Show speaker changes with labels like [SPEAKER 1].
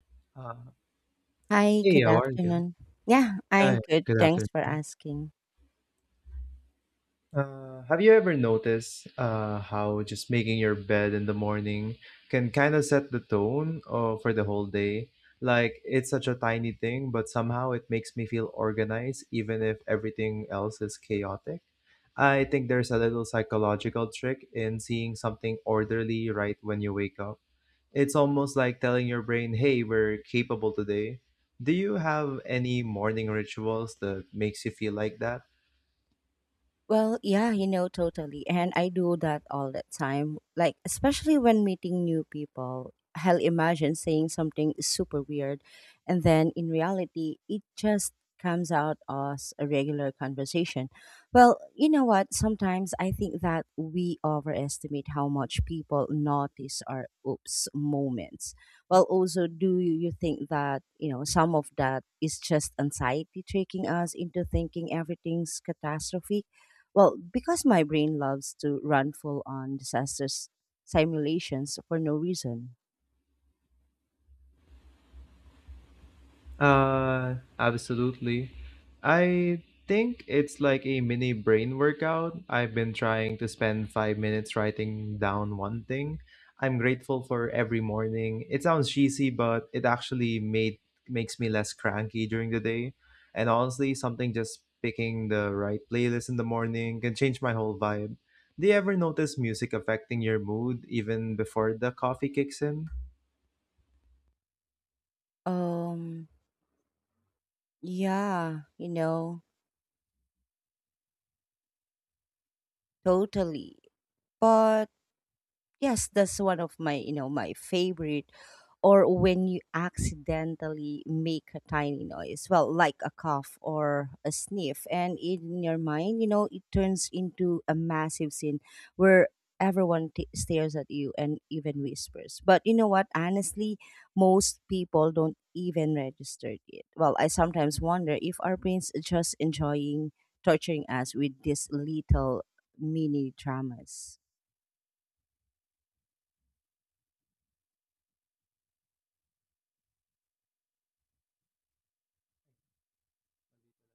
[SPEAKER 1] Uh,
[SPEAKER 2] Hi,
[SPEAKER 1] Hey,
[SPEAKER 2] good
[SPEAKER 1] how are you?
[SPEAKER 2] afternoon. Yeah, I'm
[SPEAKER 1] Uh,
[SPEAKER 2] good.
[SPEAKER 1] Good
[SPEAKER 2] Thanks for
[SPEAKER 1] afternoon.
[SPEAKER 2] asking.
[SPEAKER 1] Have you ever noticed how just making your bed in the morning can kind of set the tone for the whole day? Like, it's such a tiny thing, but somehow it makes me feel organized, even if everything else is chaotic. I think there's a little psychological trick in seeing something orderly right when you wake up. It's almost like telling your brain, "Hey, we're capable today." Do you have any morning rituals that makes you feel like that?
[SPEAKER 2] Well, yeah, totally. And I do that all the time. Like, especially when meeting new people. Hell, imagine saying something super weird. And then in reality, it just comes out as a regular conversation. Well, you know what? Sometimes I think that we overestimate how much people notice our oops moments. Well, also, do you think that, some of that is just anxiety tricking us into thinking everything's catastrophic? Well, because my brain loves to run full on disasters simulations for no reason.
[SPEAKER 1] Absolutely. I think it's like a mini brain workout. I've been trying to spend 5 minutes writing down one thing I'm grateful for every morning. It sounds cheesy, but it actually made makes me less cranky during the day. And honestly, something just picking the right playlist in the morning can change my whole vibe. Do you ever notice music affecting your mood even before the coffee kicks in?
[SPEAKER 2] Um, yeah, totally. But yes, that's one of my favorite, or when you accidentally make a tiny noise, well, like a cough or a sniff. And in your mind, it turns into a massive scene where everyone stares at you and even whispers. But you know what? Honestly, most people don't even register it. Well, I sometimes wonder if our brains are just enjoying torturing us with these little mini dramas.